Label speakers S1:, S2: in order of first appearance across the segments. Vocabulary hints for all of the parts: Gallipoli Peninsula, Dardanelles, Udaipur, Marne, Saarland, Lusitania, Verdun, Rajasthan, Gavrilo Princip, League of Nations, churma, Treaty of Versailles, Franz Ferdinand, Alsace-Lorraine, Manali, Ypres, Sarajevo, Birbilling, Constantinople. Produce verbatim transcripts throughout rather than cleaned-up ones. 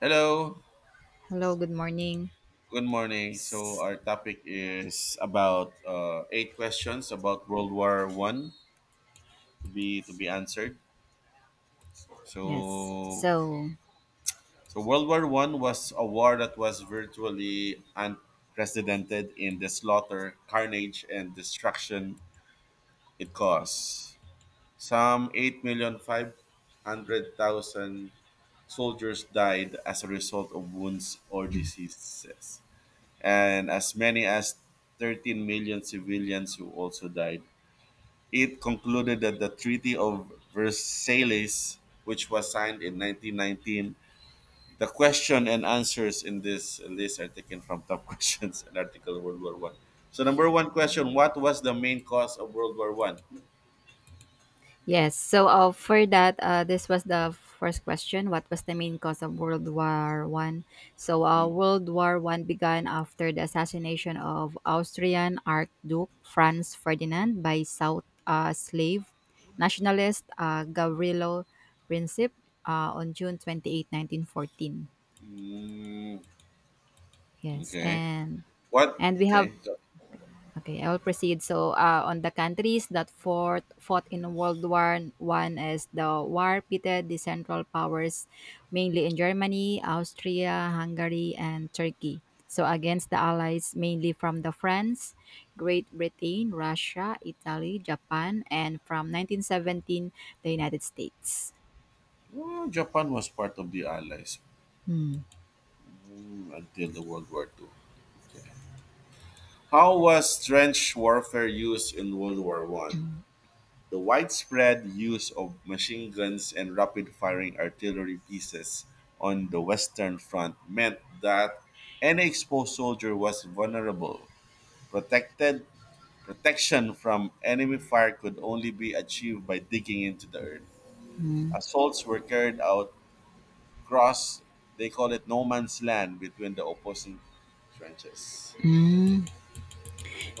S1: Hello,
S2: Hello, good morning.
S1: good morning. So
S2: S-
S1: our topic is about uh, eight questions about World War One to be to be answered.
S2: Yes.
S1: So
S2: So,
S1: so World War One was a war that was virtually unprecedented in the slaughter, carnage, and destruction it caused. Some eight million five hundred thousand soldiers died as a result of wounds or diseases. And as many as thirteen million civilians who also died. It concluded that the Treaty of Versailles, which was signed in nineteen nineteen. The question and answers in this list are taken from Top Questions and Article of World War One. So, number one question: What was the main cause of World War One?
S2: yes. So, uh, for that, uh, this was the first question. What was the main cause of World War One? So, uh, World War One began after the assassination of Austrian Archduke Franz Ferdinand by South uh, slave nationalist uh, Gavrilo Princip uh, on June twenty-eighth, nineteen fourteen.
S1: Mm,
S2: Yes.
S1: okay.
S2: and
S1: What?
S2: and we have
S1: Okay.
S2: Okay, I will proceed. So, uh, on the countries that fought, fought in World War One, as the war pitted the Central Powers, mainly in Germany, Austria, Hungary, and Turkey. So, against the Allies, mainly from the France, Great Britain, Russia, Italy, Japan, and from nineteen seventeen, the United States.
S1: Oh, Japan was part of the Allies
S2: Hmm.
S1: mm, until the World War Two. Okay. How was trench warfare used in World War One? The widespread use of machine guns and rapid firing artillery pieces on the Western Front meant that any exposed soldier was vulnerable. Protected protection from enemy fire could only be achieved by digging into the earth. Assaults were carried out across they call it no man's land between the opposing trenches.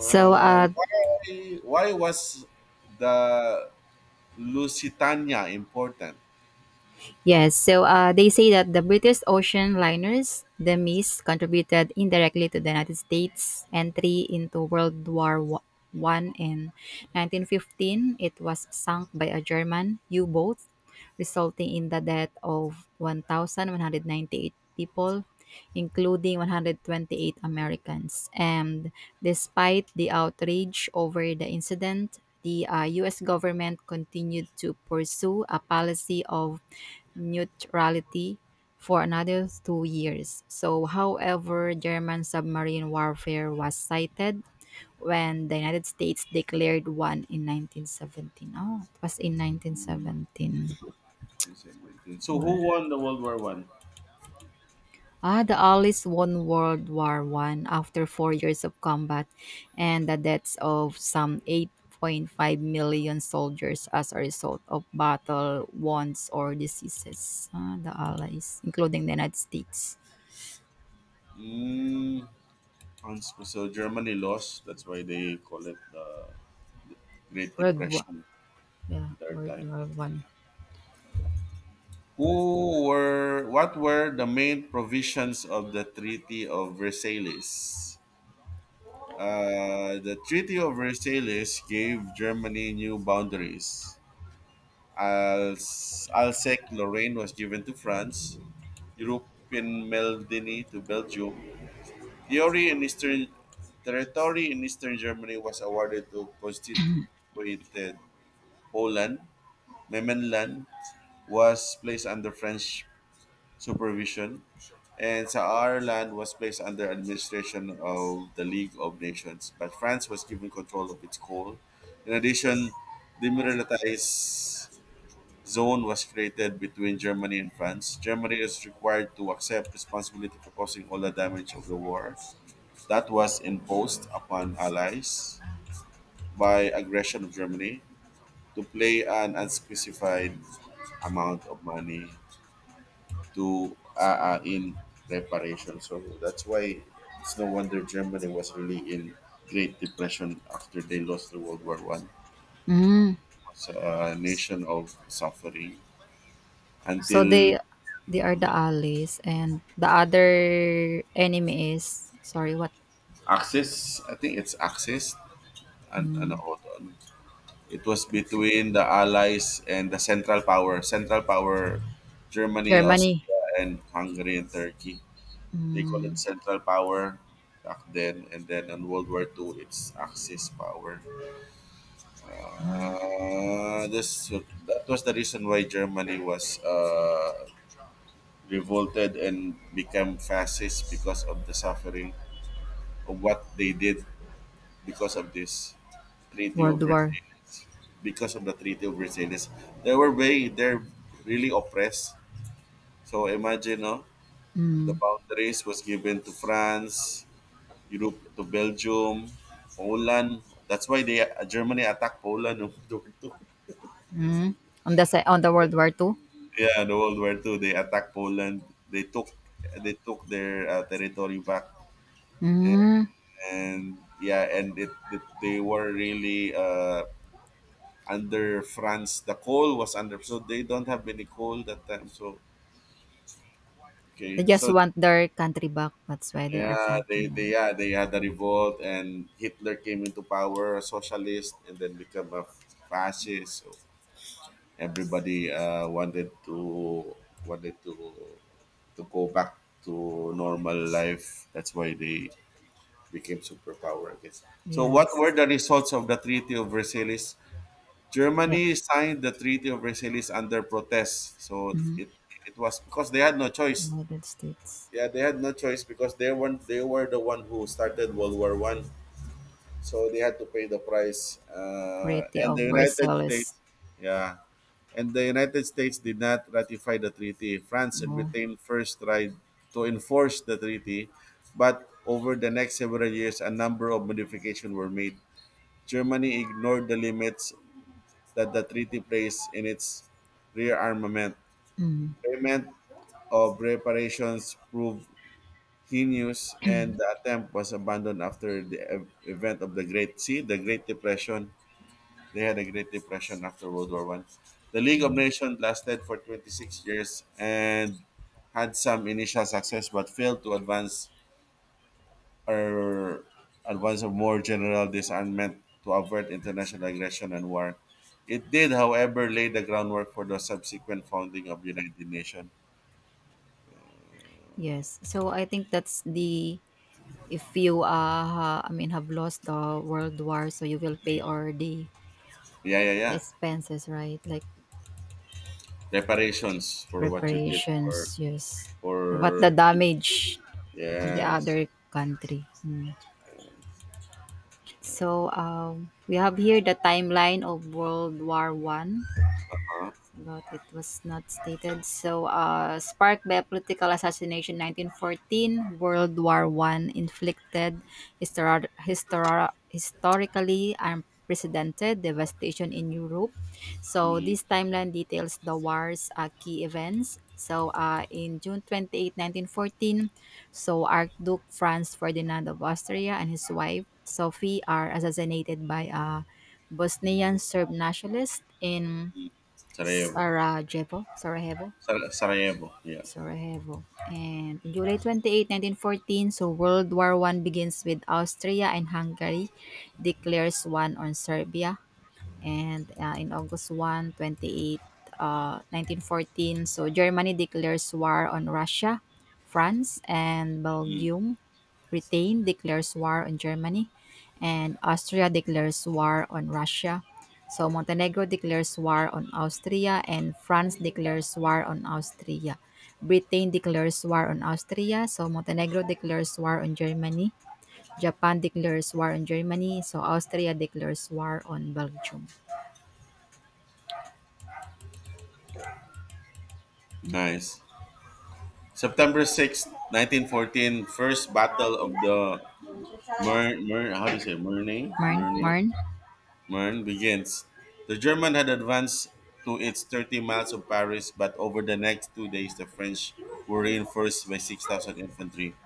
S2: So, uh,
S1: why, why was the Lusitania important?
S2: Yes. So uh, they say that the British ocean liners, the Miss contributed indirectly to the United States' entry into World War Wa- One in nineteen fifteen. It was sunk by a German U-boat, resulting in the death of one thousand one hundred ninety-eight people, including one hundred twenty-eight Americans. And despite the outrage over the incident, the uh, U S government continued to pursue a policy of neutrality for another two years. So, however, German submarine warfare was cited when the United States declared one in nineteen seventeen. Oh, it was in nineteen seventeen.
S1: So who
S2: Oh,
S1: won the World War One?
S2: ah, the Allies won World War One after four years of combat and the deaths of some eight point five million soldiers as a result of battle wounds or diseases. Ah, the Allies, including the United States.
S1: Mm, Hans- so Germany lost. That's why they call it the Great
S2: World War,
S1: Depression
S2: Yeah,
S1: at their
S2: World
S1: time.
S2: War One.
S1: Yeah. Who were what were the main provisions of the Treaty of Versailles? Uh, the Treaty of Versailles gave Germany new boundaries. Als- Alsace-Lorraine was given to France, Europe in Melanie to Belgium. Theory in Eastern territory in Eastern Germany was awarded to constituted Poland. Memmenland was placed under French supervision, and Saarland was placed under administration of the League of Nations. But France was given control of its coal. In addition, demilitarized zone was created between Germany and France. Germany is required to accept responsibility for causing all the damage of the war that was imposed upon allies by aggression of Germany to pay an unspecified amount of money to uh, uh, in reparation. So that's why it's no wonder Germany was really in Great Depression after they lost the World War One.
S2: Mm.
S1: It's a nation of suffering
S2: So
S1: until
S2: they they are the allies, and the other enemy is, sorry, what?
S1: Axis, I think it's Axis. And ano
S2: Mm.
S1: ko on? It was between the Allies and the Central Power. Central Power, Germany,
S2: Germany.
S1: Austria, and Hungary and Turkey. They call it
S2: Mm.
S1: Central Power back then. And then in World War two, it's Axis Power. Uh, this That was the reason why Germany was uh, revolted and became fascist because of the suffering of what they did because of this. Treaty
S2: World
S1: of
S2: War.
S1: Versailles, because of the Treaty of Versailles, they were very, they're really oppressed. So imagine, no, the
S2: Mm.
S1: boundaries was given to France, Europe to Belgium, Poland. That's why they uh, Germany attacked Poland in World War Two.
S2: On the si- on the World War Two.
S1: Yeah, the World War Two, they attacked Poland. They took they took their uh, territory back,
S2: Mm.
S1: and yeah, and it, it they were really uh, under France, the coal was under. So they don't have any coal that time. So
S2: They
S1: okay,
S2: just
S1: so
S2: want their country back. That's why they are
S1: yeah, they
S2: talking
S1: they
S2: on.
S1: yeah they had a revolt, and Hitler came into power, a socialist, and then become a fascist. So everybody uh, wanted to wanted to to go back to normal life. That's why they became superpower. I guess. So what were
S2: Yes.
S1: the results of the Treaty of Versailles?
S2: Yeah.
S1: Germany signed the Treaty of Versailles under protest. So
S2: Mm.
S1: it it was because they had no choice.
S2: United States.
S1: Yeah, they had no choice because they were they were the one who started World War One. So they had to pay the price. Uh,
S2: Pretty
S1: and the United
S2: overzealous.
S1: States, yeah, and the United States did not ratify the treaty. France and
S2: Oh.
S1: Britain first tried to enforce the treaty, but over the next several years, a number of modifications were made. Germany ignored the limits that the treaty plays in its rearmament.
S2: Mm.
S1: Payment of reparations proved heinous, and the attempt was abandoned after the ev- event of the Great See, the Great Depression. They had a Great Depression after World War One. The League of
S2: Mm.
S1: Nations lasted for twenty-six years and had some initial success but failed to advance are advance of more general disarmament to avert international aggression and war. It did, however, lay the groundwork for the subsequent founding of United Nations.
S2: Yes. So I think that's the, if you uh ha- I mean, have lost the world war, so you will pay all the
S1: Yeah, yeah, yeah.
S2: expenses, right, like
S1: Reparations for what you did
S2: reparations.
S1: for
S2: Yes, but the
S1: for
S2: damage on the
S1: Yes,
S2: other country. Mm. so um we have here the timeline of World War One.
S1: uh-huh.
S2: But it was not stated. So, uh, sparked by a political assassination, nineteen fourteen, World War One inflicted histor- histor- historically unprecedented devastation in Europe. So, this timeline details the war's uh, key events. So, uh, in June twenty-eighth, nineteen fourteen, so Archduke Franz Ferdinand of Austria and his wife Sophie are assassinated by a Bosnian Serb nationalist in
S1: Sarajevo,
S2: Sarajevo, Sarajevo,
S1: Sar- Sarajevo. Yeah,
S2: Sarajevo. And July twenty, nineteen fourteen. So World War One begins with Austria and Hungary declares one on Serbia. And uh, in August one, twenty-eight, uh, nineteen fourteen, so Germany declares war on Russia, France, and
S1: mm.
S2: Belgium. Britain declares war on Germany, and Austria declares war on Russia. So Montenegro declares war on Austria, and France declares war on Austria. Britain declares war on Austria. So Montenegro declares war on Germany. Japan declares war on Germany. So Austria declares war on Belgium.
S1: Nice. September sixth, nineteen fourteen, first battle of the Mer, Mer how do you say Murnay?
S2: Marn?
S1: Murnay?
S2: Marn?
S1: Mern begins. The German had advanced to its thirty miles of Paris, but over the next two days the French were reinforced by six thousand infantry,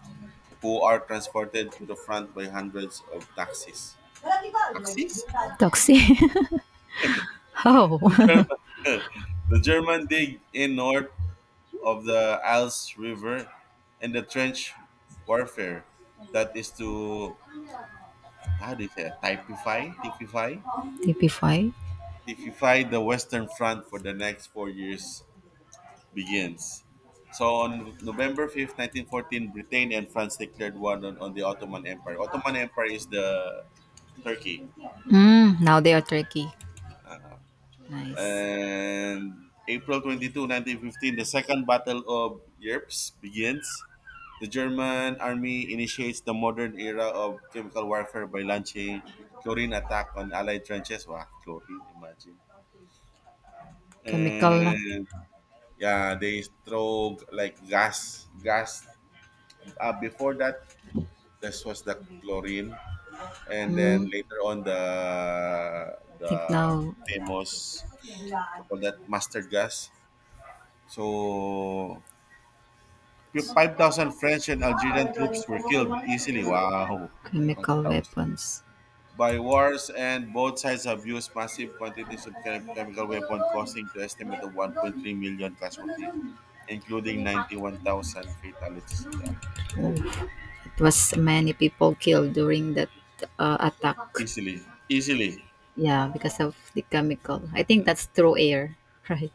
S1: who are transported to the front by hundreds of taxis. Taxis?
S2: Toxic. Oh.
S1: The German, the German dig in north of the Alps River and the trench warfare that is to how do you say, typify, typify,
S2: Typify.
S1: typify the Western Front for the next four years begins. So on November fifth, nineteen fourteen, Britain and France declared war on, on the Ottoman Empire. Ottoman Empire is the Turkey.
S2: Mm, now they are tricky. Nice.
S1: And April twenty-second, nineteen fifteen, the Second Battle of Ypres begins. The German army initiates the modern era of chemical warfare by launching chlorine attack on Allied trenches. Wow, chlorine, imagine.
S2: Chemical na.
S1: And yeah, they throw like gas, gas. Uh, before that, this was the chlorine, and then
S2: Mm,
S1: later on the
S2: think
S1: the
S2: now.
S1: famous you call that mustard gas. So five thousand French and Algerian troops were killed easily. Wow, five
S2: Chemical
S1: thousand
S2: weapons.
S1: by wars, and both sides have used massive quantities of chem- chemical weapon, causing the estimate of one point three million casualty, including ninety-one thousand fatalities. Grabe.
S2: Oh. It was many people killed during that uh, attack.
S1: Easily, easily.
S2: Yeah, because of the chemical. I think that's through air, right?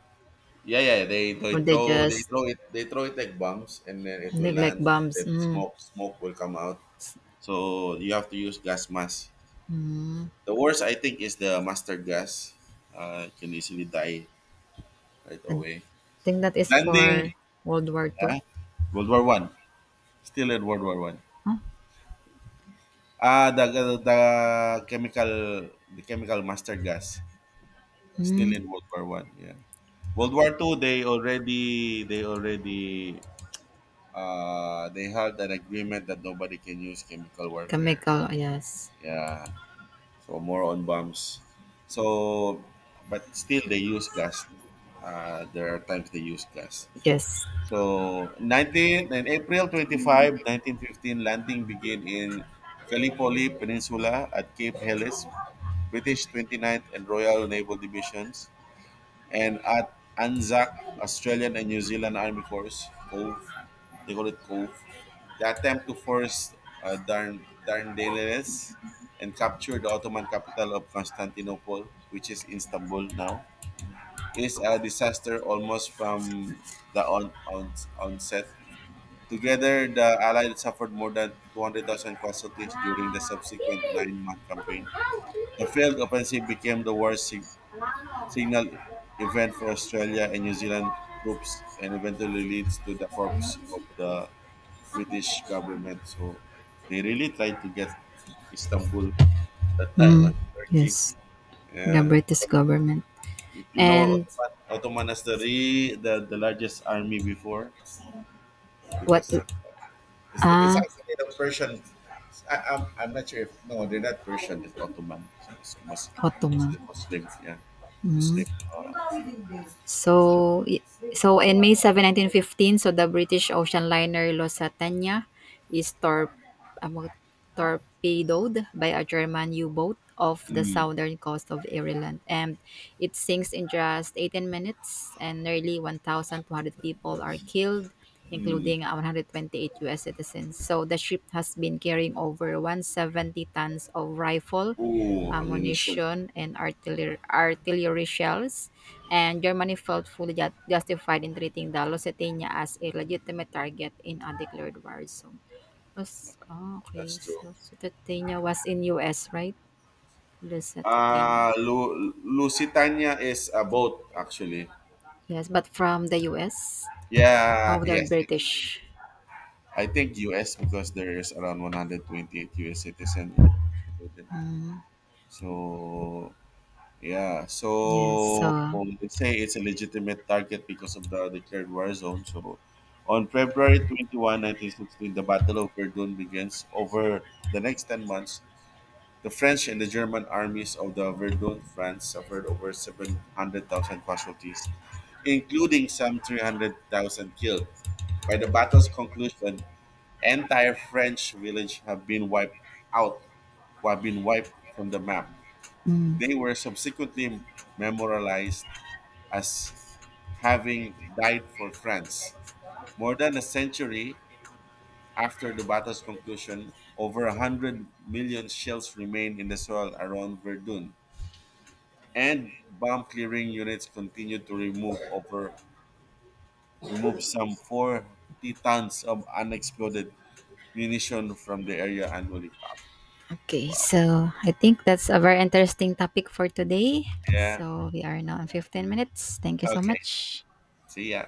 S1: Yeah, yeah. They they
S2: Or they
S1: throw they
S2: just
S1: throw it they throw it like bombs, and then it will
S2: neglect
S1: land, and
S2: bombs.
S1: then
S2: Mm.
S1: smoke smoke will come out. So you have to use gas mask. The worst I think is the mustard gas. Uh, you can easily die right
S2: I
S1: away.
S2: think that is
S1: Landing,
S2: for World War Two.
S1: yeah, World War One. Still in World War One.
S2: Huh?
S1: Ah, the, the the chemical the chemical mustard gas.
S2: Mm.
S1: Still in World War One. Yeah. World War Two. They already they already uh, they had an agreement that nobody can use chemical warfare.
S2: Chemical, yes.
S1: Yeah. So more on bombs. So, but still they use gas. Uh, there are times they use gas.
S2: Yes.
S1: So nineteen, in April twenty-fifth, nineteen fifteen, landing began in Gallipoli Peninsula at Cape Helles, British twenty-ninth and Royal Naval Divisions and at Anzac Australian and New Zealand Army Corps Cove, they call it Cove. The attempt to force uh, Darn- Dardanelles and capture the Ottoman capital of Constantinople, which is Istanbul now, is a disaster almost from the on- on- onset. Together, the Allies suffered more than two hundred thousand casualties during the subsequent nine-month campaign. The failed offensive became the war's signal event for Australia and New Zealand troops and eventually leads to the corpse of the British government. So they really tried to get Istanbul that time,
S2: Mm.
S1: right? Turkey.
S2: Yes. The
S1: Yeah.
S2: British government.
S1: If you know
S2: And
S1: Ottoman, Ottoman has the, re, the the largest army before
S2: what?
S1: because uh, it's, the, it's
S2: Ah,
S1: actually the Persian. I, I'm, I'm not sure if no they're not Persian. It's Ottoman. It's Mus, Mus,
S2: Ottoman.
S1: Muslim. Muslim. Yeah,
S2: Mhm.
S1: Muslim. Uh, so,
S2: So, i- so in May seventh, nineteen fifteen, so the British ocean liner Lusitania is tor- um, torpedoed by a German U-boat off the
S1: mm,
S2: southern coast of Ireland, and it sinks in just eighteen minutes, and nearly one thousand two hundred people are killed,
S1: mm.
S2: including one hundred twenty-eight U S citizens. So the ship has been carrying over one hundred seventy tons of rifle
S1: Ooh, ammunition.
S2: ammunition, and artillery, artillery shells, and Germany felt fully ju- justified in treating the Lusitania as a legitimate target in a declared war zone. Was, oh, okay,
S1: That's
S2: so
S1: true.
S2: Lusitania was in U S, right? Lusitania.
S1: Uh, Lu- Lusitania is a boat, actually.
S2: Yes, but from the U S, how
S1: Yeah,
S2: the
S1: yes, yes.
S2: British.
S1: I think U S because there is around one hundred twenty-eight U S citizens included.
S2: Mm,
S1: So, yeah.
S2: yes,
S1: So,
S2: so.
S1: they say it's a legitimate target because of the declared war zone. So, on February twenty-first, nineteen sixteen, the Battle of Verdun begins over the next ten months. The French and the German armies of the Verdun France suffered over seven hundred thousand casualties, including some three hundred thousand killed. By the battle's conclusion, entire French village have been wiped out, or have been wiped from the map.
S2: Mm.
S1: They were subsequently memorialized as having died for France. More than a century after the battle's conclusion, over one hundred million shells remain in the soil around Verdun and bomb clearing units continue to remove over remove some forty tons of unexploded munition from the area annually.
S2: Okay,
S1: Wow.
S2: so I think that's a very interesting topic for today.
S1: Yeah.
S2: So we are now in fifteen minutes. Thank you so
S1: Okay.
S2: much.
S1: See ya.